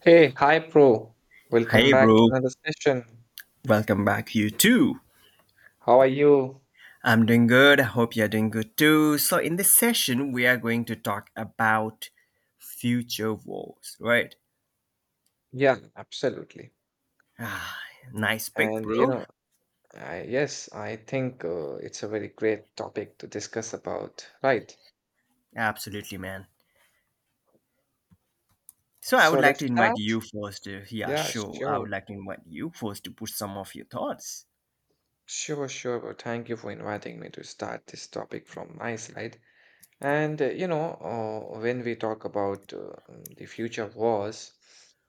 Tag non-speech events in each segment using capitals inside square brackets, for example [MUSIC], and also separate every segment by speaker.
Speaker 1: Hey, hi, Pro. Welcome
Speaker 2: Hey,
Speaker 1: back to
Speaker 2: bro.
Speaker 1: another session.
Speaker 2: Welcome back, you too.
Speaker 1: How are you?
Speaker 2: I'm doing good. I hope you're doing good too. So, in this session, we are going to talk about future wars, right?
Speaker 1: Yeah, absolutely.
Speaker 2: Ah, nice pick,
Speaker 1: And you
Speaker 2: bro.
Speaker 1: know, I think it's a very great topic to discuss about, right?
Speaker 2: Absolutely, man. So, I
Speaker 1: So
Speaker 2: would like
Speaker 1: let's
Speaker 2: to invite
Speaker 1: start.
Speaker 2: you first. To yeah,
Speaker 1: Yeah,
Speaker 2: sure. I would
Speaker 1: sure,
Speaker 2: like to invite you first to put some of your thoughts.
Speaker 1: sure, sure. Well, thank you for inviting me to start this topic from my side. And you know, when we talk about the future wars,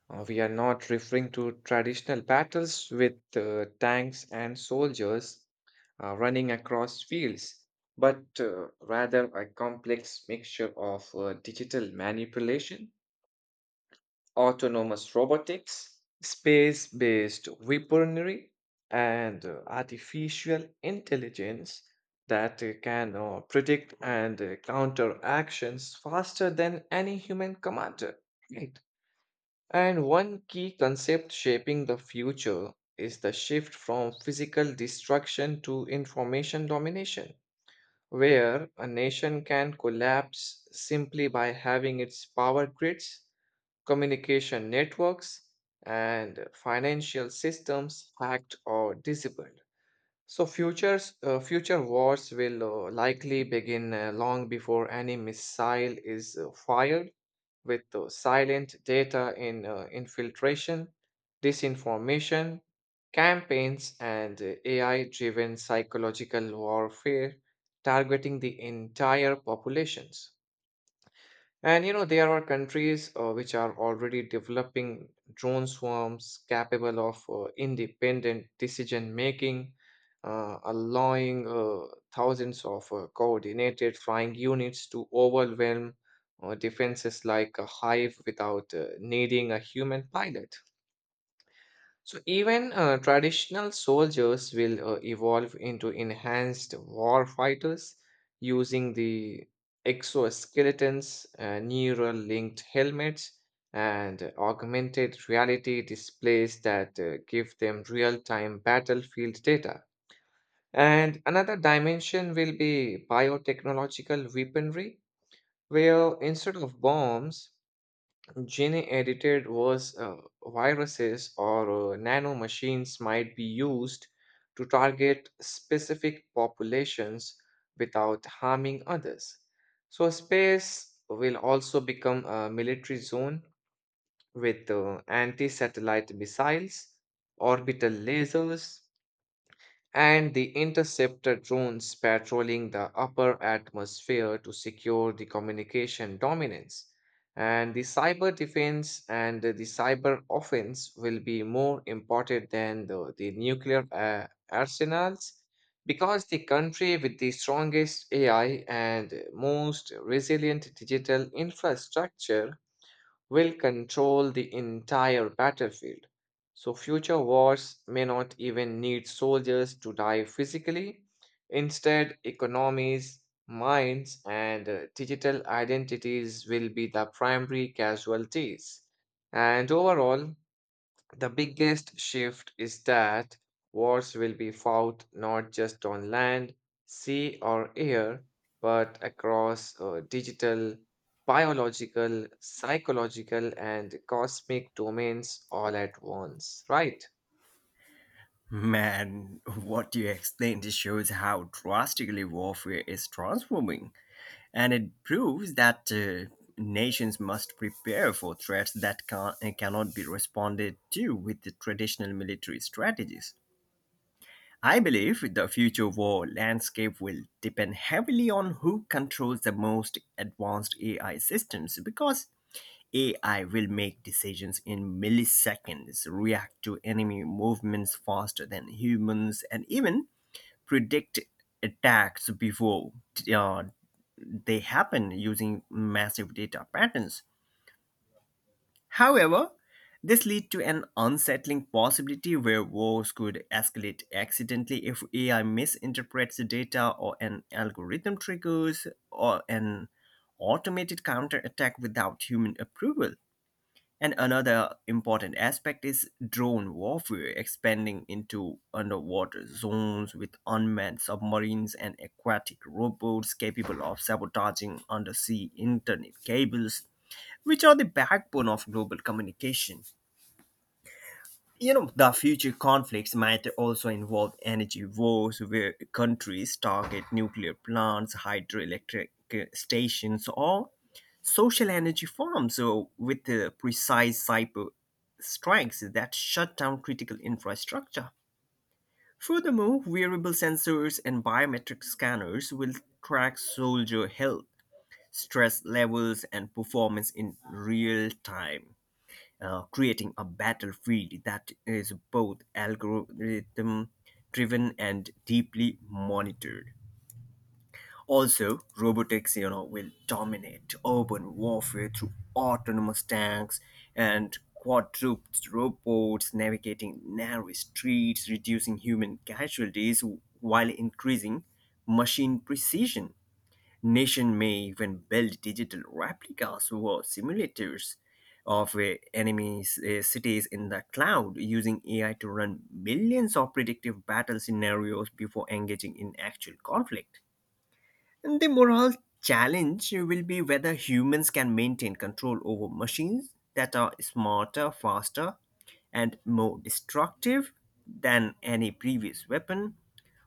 Speaker 1: we are not referring to traditional battles with tanks and soldiers running across fields, but rather a complex mixture of digital manipulation, autonomous robotics, space based weaponry, and artificial intelligence that can predict and counter actions faster than any human commander. Right. And one key concept shaping the future is the shift from physical destruction to information domination, where a nation can collapse simply by having its power grids, communication networks, and financial systems hacked or disabled. So future wars will likely begin long before any missile is fired, with silent data in infiltration, disinformation, campaigns, and AI-driven psychological warfare targeting the entire populations. And you know, there are countries which are already developing drone swarms capable of independent decision making, allowing thousands of coordinated flying units to overwhelm defenses like a hive without needing a human pilot. So even traditional soldiers will evolve into enhanced war fighters using the exoskeletons, neural linked helmets, and augmented reality displays that give them real time battlefield data. And another dimension will be biotechnological weaponry, where instead of bombs, gene edited was viruses or nanomachines might be used to target specific populations without harming others. So, space will also become a military zone with anti satellite missiles, orbital lasers, and the interceptor drones patrolling the upper atmosphere to secure the communication dominance. And the cyber defense and the cyber offense will be more important than the nuclear arsenals, because the country with the strongest AI and most resilient digital infrastructure will control the entire battlefield. So, future wars may not even need soldiers to die physically. Instead, economies, minds, and digital identities will be the primary casualties. And overall, the biggest shift is that wars will be fought not just on land, sea, or air, but across digital, biological, psychological, and cosmic domains all at once, right?
Speaker 2: Man, what you explained shows how drastically warfare is transforming. And it proves that nations must prepare for threats that cannot be responded to with the traditional military strategies. I believe the future war landscape will depend heavily on who controls the most advanced AI systems, because AI will make decisions in milliseconds, react to enemy movements faster than humans, and even predict attacks before uh, they happen using massive data patterns. However, this leads to an unsettling possibility where wars could escalate accidentally if AI misinterprets the data, or an algorithm triggers or an automated counterattack without human approval. And another important aspect is drone warfare expanding into underwater zones with unmanned submarines and aquatic robots capable of sabotaging undersea internet cables, which are the backbone of global communication. You know, the future conflicts might also involve energy wars where countries target nuclear plants, hydroelectric stations, or social energy forms with precise cyber strikes that shut down critical infrastructure. Furthermore, wearable sensors and biometric scanners will track soldier health, stress levels, and performance in real time, creating a battlefield that is both algorithm driven and deeply monitored. Also, robotics, you know, will dominate urban warfare through autonomous tanks and quadruped robots navigating narrow streets, reducing human casualties while increasing machine precision. Nation may even build digital replicas or simulators of enemy cities in the cloud using AI to run millions of predictive battle scenarios before engaging in actual conflict. And the moral challenge will be whether humans can maintain control over machines that are smarter, faster, and more destructive than any previous weapon.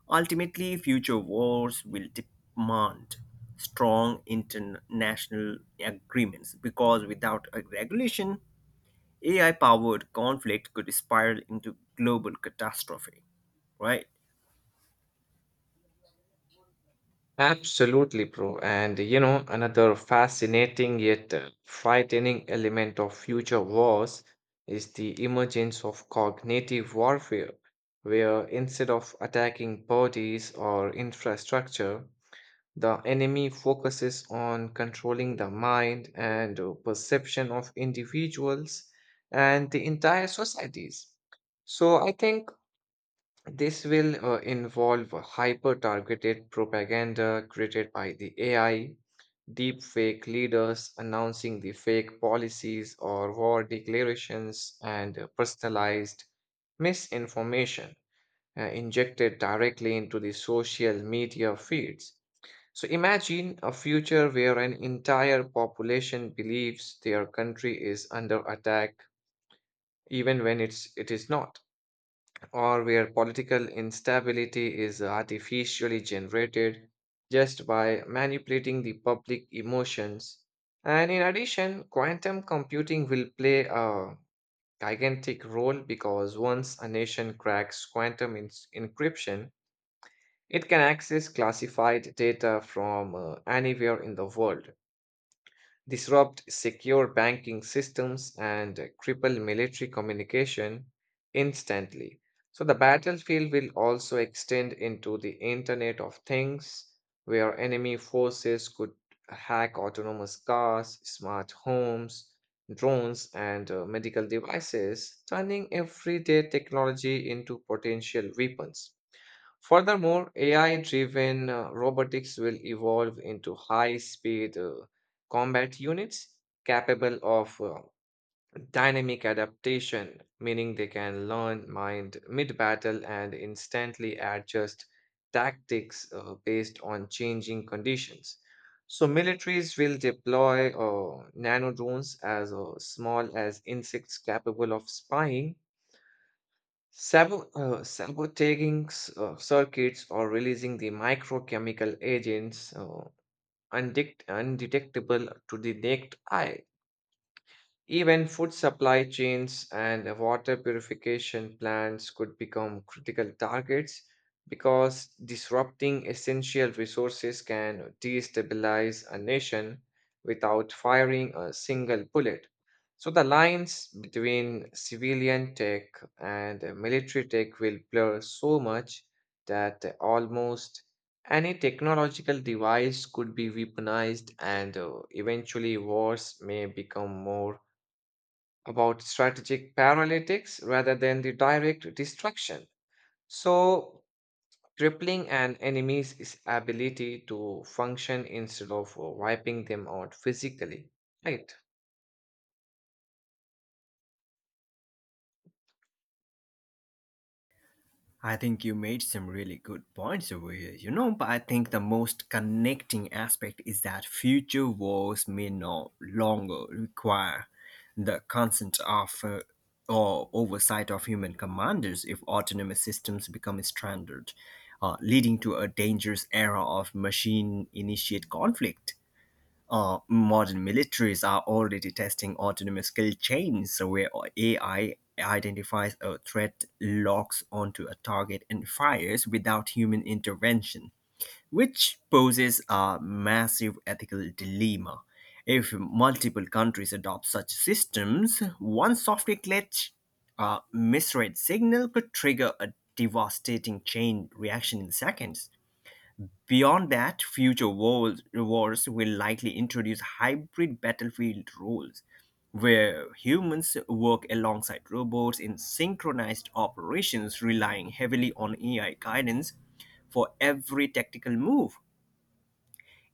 Speaker 2: Ultimately, future wars will demand strong international agreements, because without a regulation, AI powered conflict could spiral into global catastrophe, right?
Speaker 1: Absolutely, bro. And you know, another fascinating yet frightening element of future wars is the emergence of cognitive warfare, where instead of attacking bodies or infrastructure, the enemy focuses on controlling the mind and perception of individuals and the entire societies. So I think this will involve hyper targeted propaganda created by the AI, deep fake leaders announcing the fake policies or war declarations, and personalized misinformation injected directly into the social media feeds. So imagine a future where an entire population believes their country is under attack even when it is not, or where political instability is artificially generated just by manipulating the public emotions. And in addition, quantum computing will play a gigantic role because once a nation cracks encryption, it can access classified data from anywhere in the world, disrupt secure banking systems, and cripple military communication instantly. So, the battlefield will also extend into the Internet of Things, where enemy forces could hack autonomous cars, smart homes, drones, and medical devices, turning everyday technology into potential weapons. Furthermore, AI driven robotics will evolve into high speed combat units capable of dynamic adaptation, meaning they can learn mind mid battle and instantly adjust tactics based on changing conditions. So, militaries will deploy nano drones as small as insects capable of spying, sabotating circuits or releasing the microchemical agents, undetectable to the naked eye. Even food supply chains and water purification plants could become critical targets, because disrupting essential resources can destabilize a nation without firing a single bullet. So the lines between civilian tech and military tech will blur so much that almost any technological device could be weaponized, and eventually wars may become more about strategic paralytics rather than the direct destruction. So, crippling an enemy's is ability to function instead of wiping them out physically. Right.
Speaker 2: I think you made some really good points over here, you know, but I think the most connecting aspect is that future wars may no longer require the consent of or oversight of human commanders if autonomous systems become a standard, leading to a dangerous era of machine initiate conflict. Modern militaries are already testing autonomous kill chains where AI identifies a threat, locks onto a target, and fires without human intervention, which poses a massive ethical dilemma. If multiple countries adopt such systems, one software glitch, a misread signal, could trigger a devastating chain reaction in seconds. Beyond that, future wars will likely introduce hybrid battlefield rules where humans work alongside robots in synchronized operations, relying heavily on AI guidance for every tactical move.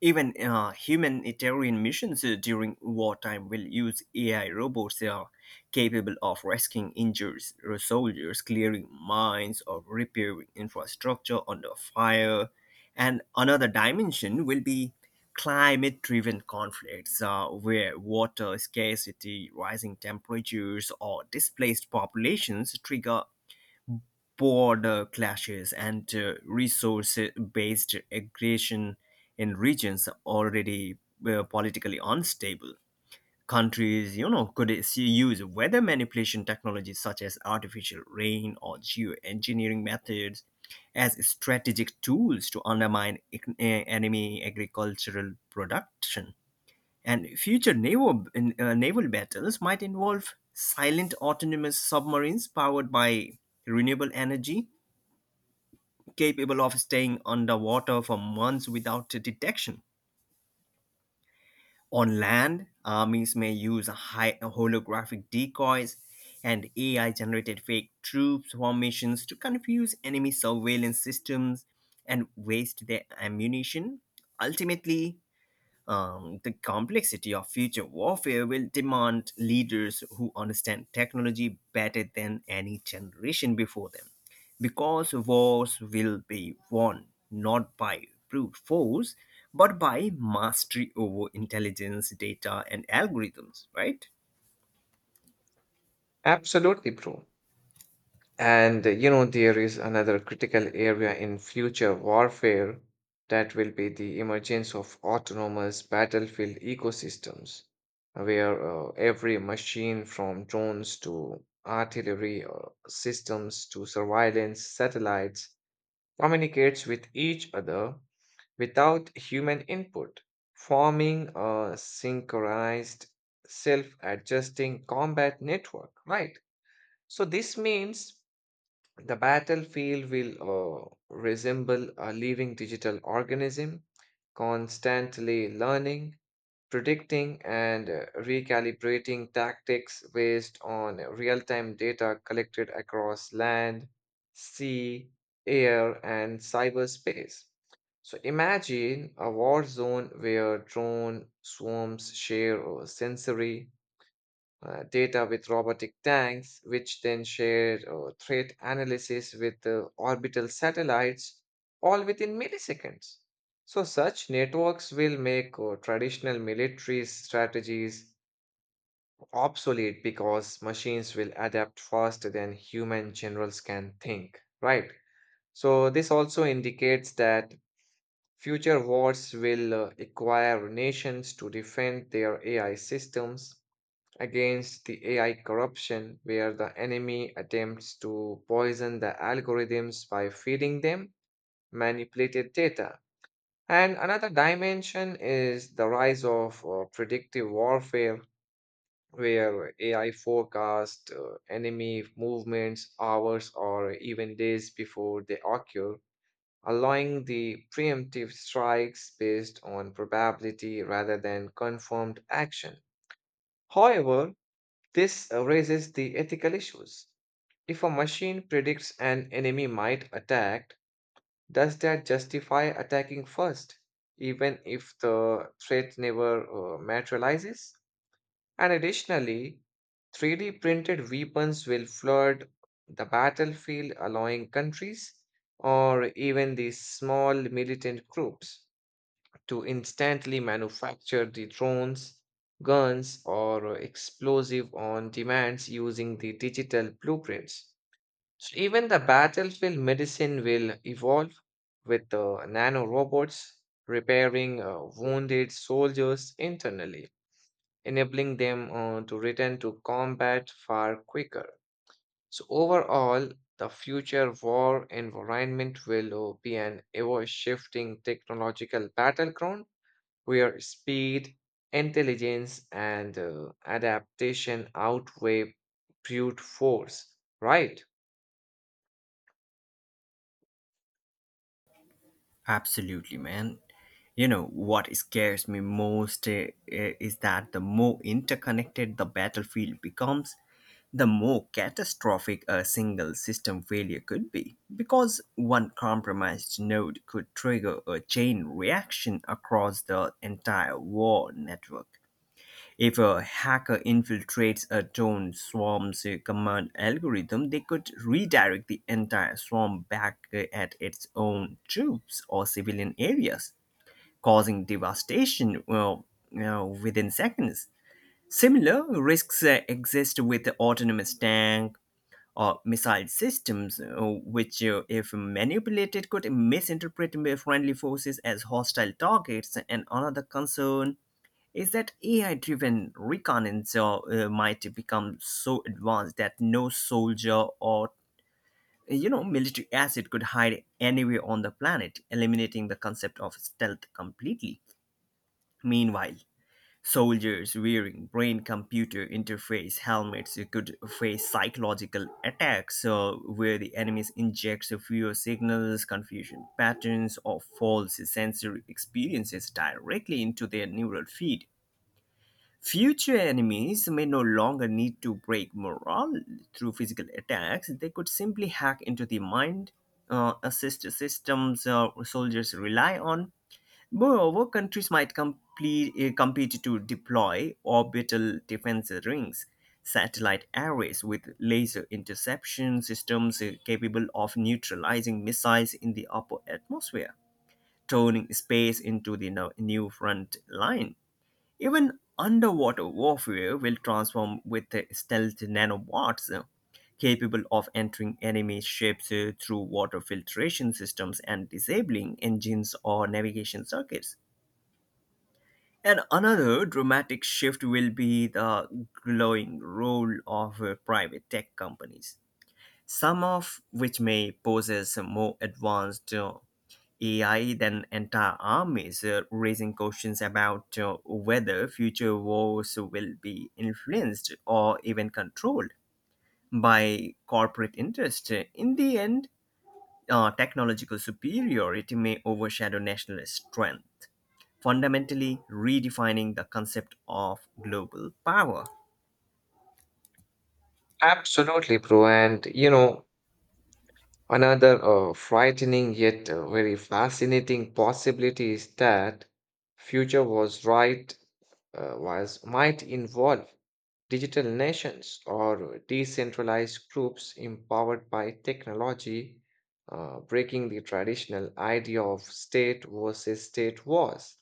Speaker 2: Even humanitarian missions during wartime will use AI robots capable of rescuing injured soldiers, clearing mines, or repairing infrastructure under fire. And another dimension will be climate driven conflicts where water scarcity, rising temperatures, or displaced populations trigger border clashes and resource based aggression in regions already politically unstable. Countries, you know, could use weather manipulation technologies such as artificial rain or geoengineering methods as strategic tools to undermine enemy agricultural production. And future naval battles might involve silent autonomous submarines powered by renewable energy, capable of staying underwater for months without detection. On land, armies may use high holographic decoys and AI generated fake troops formations to confuse enemy surveillance systems and waste their ammunition. Ultimately, the complexity of future warfare will demand leaders who understand technology better than any generation before them, because wars will be won not by brute force, but by mastery over intelligence, data, and algorithms, right?
Speaker 1: Absolutely, bro. And you know, there is another critical area in future warfare that will be the emergence of autonomous battlefield ecosystems, where every machine from drones to artillery systems to surveillance satellites communicates with each other without human input, forming a synchronized, self adjusting combat network, right? So, this means the battlefield will resemble a living digital organism, constantly learning, predicting, and recalibrating tactics based on real time data collected across land, sea, air, and cyberspace. So imagine a war zone where drone swarms share sensory data with robotic tanks, which then share threat analysis with orbital satellites, all within milliseconds. So, such networks will make traditional military strategies obsolete, because machines will adapt faster than human generals can think, right? So, this also indicates that future wars will require nations to defend their AI systems against the AI corruption, where the enemy attempts to poison the algorithms by feeding them manipulated data. And another dimension is the rise of predictive warfare, where AI forecast enemy movements hours or even days before they occur, allowing the preemptive strikes based on probability rather than confirmed action. However, this raises the ethical issues. If a machine predicts an enemy might attack, does that justify attacking first, even if the threat never materializes? And additionally, 3D printed weapons will flood the battlefield, allowing countries or even these small militant groups to instantly manufacture the drones, guns, or explosive on demands using the digital blueprints. So even the battlefield medicine will evolve with the nano robots repairing wounded soldiers internally, enabling them to return to combat far quicker. So overall, the future war environment will be an ever-shifting technological battleground where speed, intelligence, and adaptation outweigh brute force, right?
Speaker 2: Absolutely, man. You know, what scares me most is that the more interconnected the battlefield becomes, the more catastrophic a single system failure could be, because one compromised node could trigger a chain reaction across the entire war network. If a hacker infiltrates a drone swarm's command algorithm, they could redirect the entire swarm back at its own troops or civilian areas, causing devastation, well, you know, within seconds. Similar risks exist with autonomous tank or missile systems, which if manipulated, could misinterpret friendly forces as hostile targets. And another concern is that AI driven reconnaissance might become so advanced that no soldier or, you know, military asset could hide anywhere on the planet, eliminating the concept of stealth completely. Meanwhile, soldiers wearing brain computer interface helmets could face psychological attacks where the enemies inject fewer signals, confusion patterns, or false sensory experiences directly into their neural feed. Future enemies may no longer need to break morale through physical attacks. They could simply hack into the mind, assist systems soldiers rely on. Moreover, countries might compete to deploy orbital defense rings, satellite arrays with laser interception systems capable of neutralizing missiles in the upper atmosphere, turning space into the new front line. Even underwater warfare will transform with the stealth nanobots capable of entering enemy ships through water filtration systems, and disabling engines or navigation circuits. And another dramatic shift will be the growing role of private tech companies, some of which may possess more advanced AI than entire armies, raising questions about whether future wars will be influenced or even controlled by corporate interest. In the end, technological superiority may overshadow national strength, fundamentally redefining the concept of global power.
Speaker 1: Absolutely, bro. And you know, another frightening yet very fascinating possibility is that future was right was might involve digital nations or decentralized groups empowered by technology, breaking the traditional idea of state versus state wars.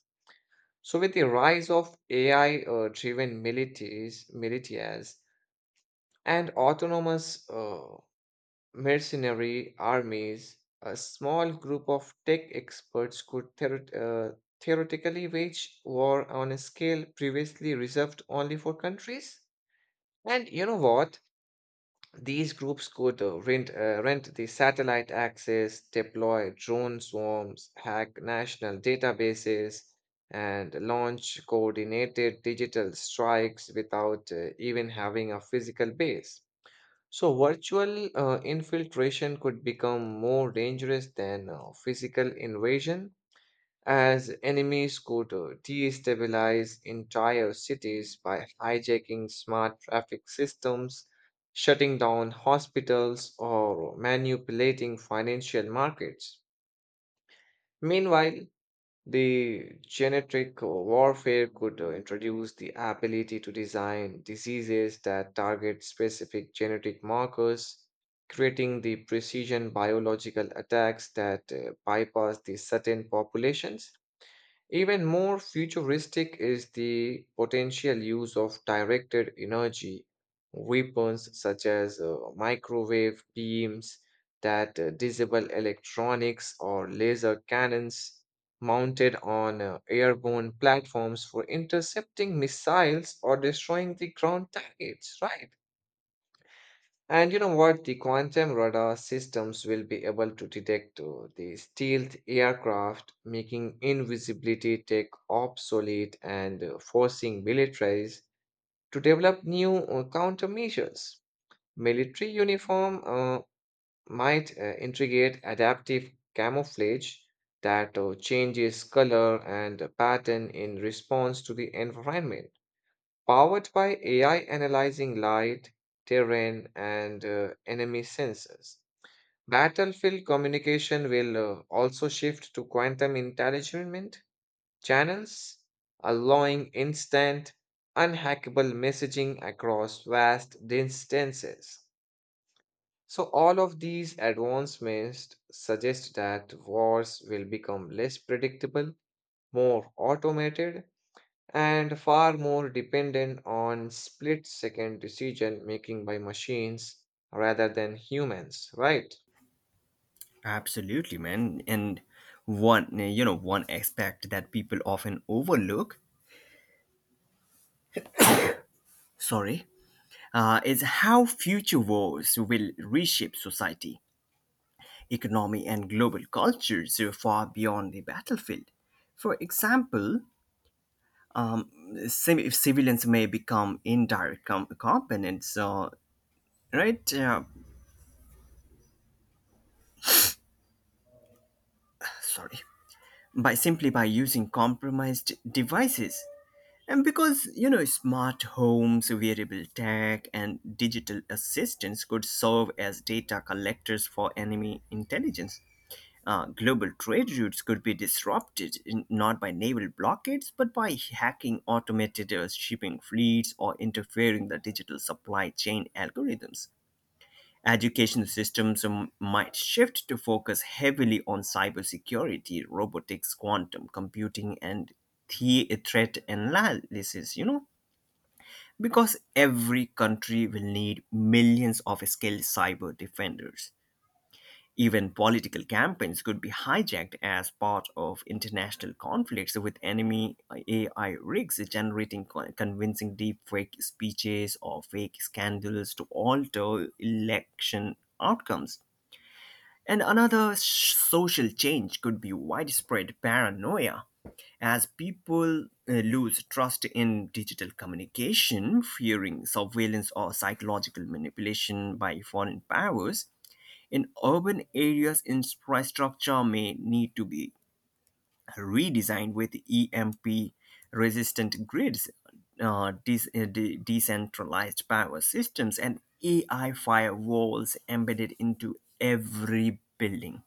Speaker 1: So, with the rise of AI-driven militias and autonomous mercenary armies, a small group of tech experts could theoretically wage war on a scale previously reserved only for countries. And you know what? These groups could rent the satellite access, deploy drone swarms, hack national databases, and launch coordinated digital strikes without even having a physical base. So, virtual infiltration could become more dangerous than physical invasion, as enemy scooter destabilize entire cities by hijacking smart traffic systems, shutting down hospitals, or manipulating financial markets. Meanwhile, the genetic warfare could introduce the ability to design diseases that target specific genetic markers, creating the precision biological attacks that bypass the certain populations. Even more futuristic is the potential use of directed energy weapons such as microwave beams that disable electronics, or laser cannons mounted on airborne platforms for intercepting missiles or destroying the ground targets, right? And you know what? The quantum radar systems will be able to detect the stealth aircraft, making invisibility tech obsolete and forcing militaries to develop new countermeasures. Military uniform might integrate adaptive camouflage that changes color and pattern in response to the environment, powered by AI analyzing light, terrain, and enemy sensors. Battlefield communication will also shift to quantum intelligent channels, allowing instant, unhackable messaging across vast distances. So, all of these advancements suggest that wars will become less predictable, more automated, and far more dependent on split second decision making by machines rather than humans, right?
Speaker 2: Absolutely, man. And one, you know, one aspect that people often overlook. Sorry, is how future wars will reshape society, economy, and global cultures far beyond the battlefield. For example, if civilians may become indirect components, right? Uh, sorry, by simply by using compromised devices. And because, you know, smart homes, wearable tech, and digital assistants could serve as data collectors for enemy intelligence. Global trade routes could be disrupted in, not by naval blockades, but by hacking automated shipping fleets or interfering the digital supply chain algorithms. Education systems might shift to focus heavily on cybersecurity, robotics, quantum computing, and threat analysis. You know, because every country will need millions of skilled cyber defenders. Even political campaigns could be hijacked as part of international conflicts, with enemy AI rigs generating convincing deepfake speeches or fake scandals to alter election outcomes. And another social change could be widespread paranoia, as people lose trust in digital communication, fearing surveillance or psychological manipulation by foreign powers. In urban areas, infrastructure may need to be redesigned with EMP resistant grids, decentralized power systems, and AI firewalls embedded into every building.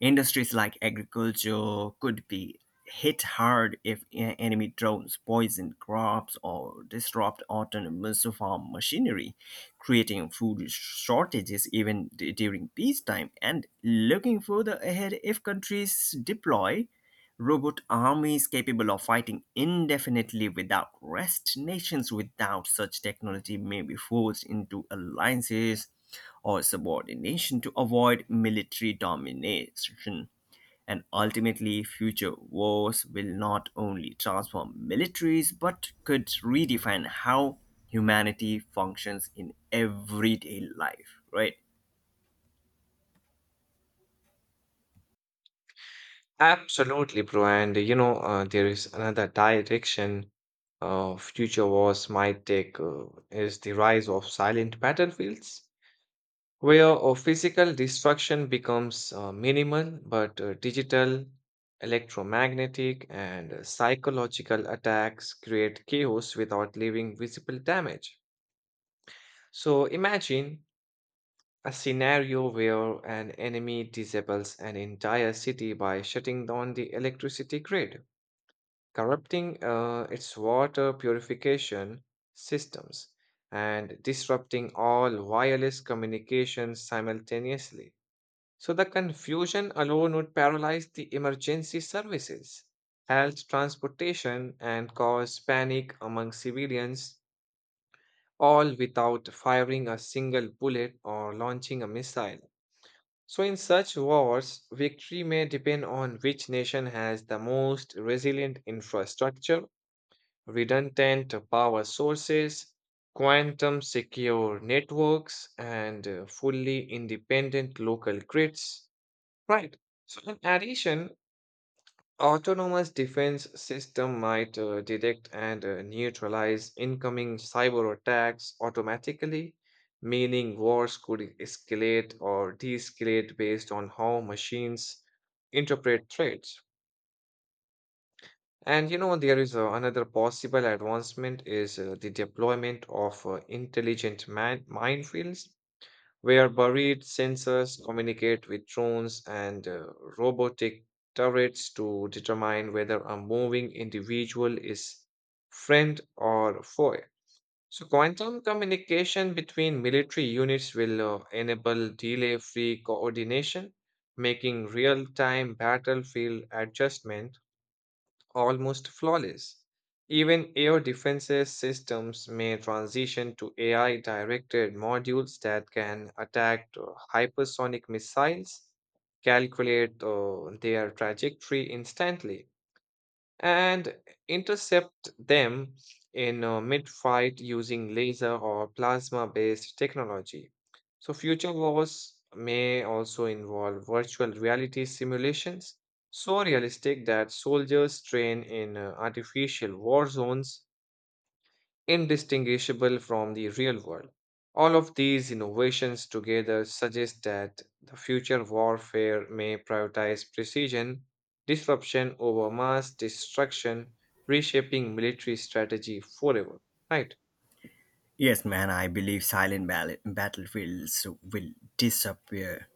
Speaker 2: Industries like agriculture could be hit hard if enemy drones poison crops or disrupt autonomous farm machinery, creating food shortages even during peacetime. And looking further ahead, if countries deploy robot armies capable of fighting indefinitely without rest, nations without such technology may be forced into alliances or subordination to avoid military domination. And ultimately, future wars will not only transform militaries but could redefine how humanity functions in everyday life, right?
Speaker 1: Absolutely, bro. And you know, there is another direction future wars might take, is the rise of silent battlefields, where physical destruction becomes minimal, but digital, electromagnetic, and psychological attacks create chaos without leaving visible damage. So imagine a scenario where an enemy disables an entire city by shutting down the electricity grid, corrupting its water purification systems, and disrupting all wireless communications simultaneously. So the confusion alone would paralyze the emergency services, halt transportation, and cause panic among civilians, all without firing a single bullet or launching a missile. So, in such wars, victory may depend on which nation has the most resilient infrastructure, redundant power sources, quantum secure networks, and fully independent local grids. Right. So, in addition, autonomous defense system might detect and neutralize incoming cyber attacks automatically, meaning wars could escalate or de-escalate based on how machines interpret threats. And you know, there is another possible advancement is the deployment of intelligent minefields where buried sensors communicate with drones and robotic turrets to determine whether a moving individual is friend or foe. So, quantum communication between military units will enable delay free coordination, making real time battlefield adjustment almost flawless. Even air defenses systems may transition to AI directed modules that can attack hypersonic missiles, calculate their trajectory instantly, and intercept them in mid-fight using laser or plasma-based technology. So future wars may also involve virtual reality simulations, so realistic that soldiers train in artificial war zones indistinguishable from the real world. All of these innovations together suggest that the future warfare may prioritize precision, disruption over mass destruction, reshaping military strategy forever. Right.
Speaker 2: Yes, man, I believe silent battlefields will disappear.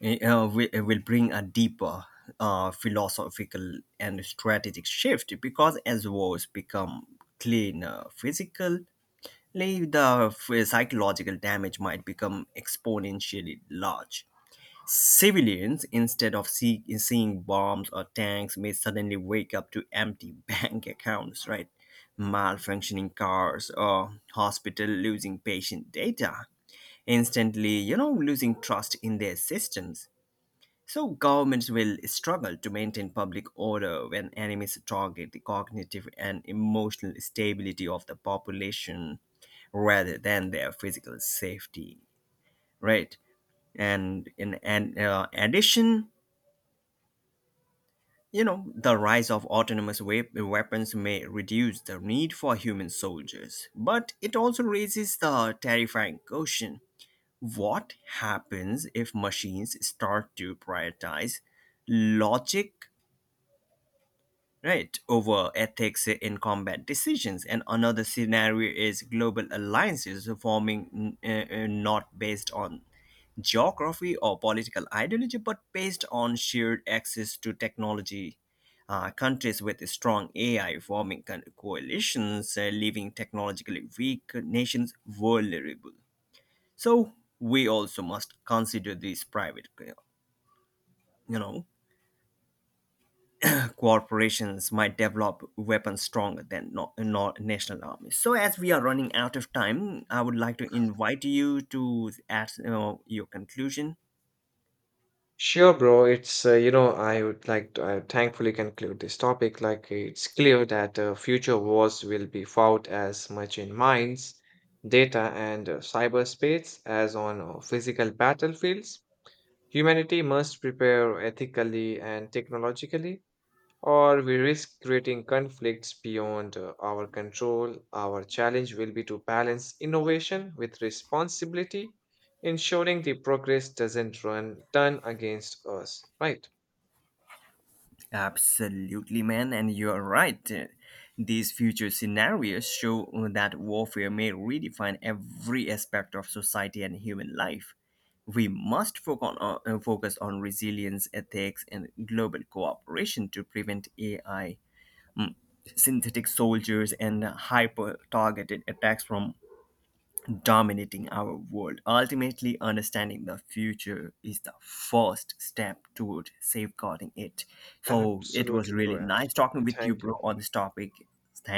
Speaker 2: You will bring a deeper philosophical and strategic shift, because as wars become cleaner physical, like, the psychological damage might become exponentially large. Civilians, instead of seeing bombs or tanks, may suddenly wake up to empty [LAUGHS] bank accounts, right? Malfunctioning cars or hospital losing patient data, instantly, you know, losing trust in their systems. So governments will struggle to maintain public order when enemies target the cognitive and emotional stability of the population rather than their physical safety, right? And in and addition, you know, the rise of autonomous weapons may reduce the need for human soldiers, but it also raises the terrifying question: what happens if machines start to prioritize logic right over ethics in combat decisions? And another scenario is global alliances forming, not based on geography or political ideology, but based on shared access to technology. Countries with strong AI forming coalitions, leaving technologically weak nations vulnerable. So we also must consider these private, you know, corporations might develop weapons stronger than national armies. So, as we are running out of time, I would like to invite you to add your conclusion.
Speaker 1: Sure, bro. It's you know, I would like to thankfully conclude this topic. Like, it's clear that future wars will be fought as much in minds, data, and cyberspace as on physical battlefields. Humanity must prepare ethically and technologically, or we risk creating conflicts beyond our control. Our challenge will be to balance innovation with responsibility, ensuring the progress doesn't run turn against us. Right?
Speaker 2: Absolutely, man, and you're right. These future scenarios show that warfare may redefine every aspect of society and human life. We must focus on, resilience, ethics, and global cooperation to prevent AI synthetic soldiers, and hyper targeted attacks from dominating our world. Ultimately, understanding the future is the first step toward safeguarding it. So, it was
Speaker 1: Absolutely,
Speaker 2: really
Speaker 1: bro.
Speaker 2: nice
Speaker 1: Absolutely.
Speaker 2: talking with you,
Speaker 1: Thank
Speaker 2: bro,
Speaker 1: you.
Speaker 2: on this topic.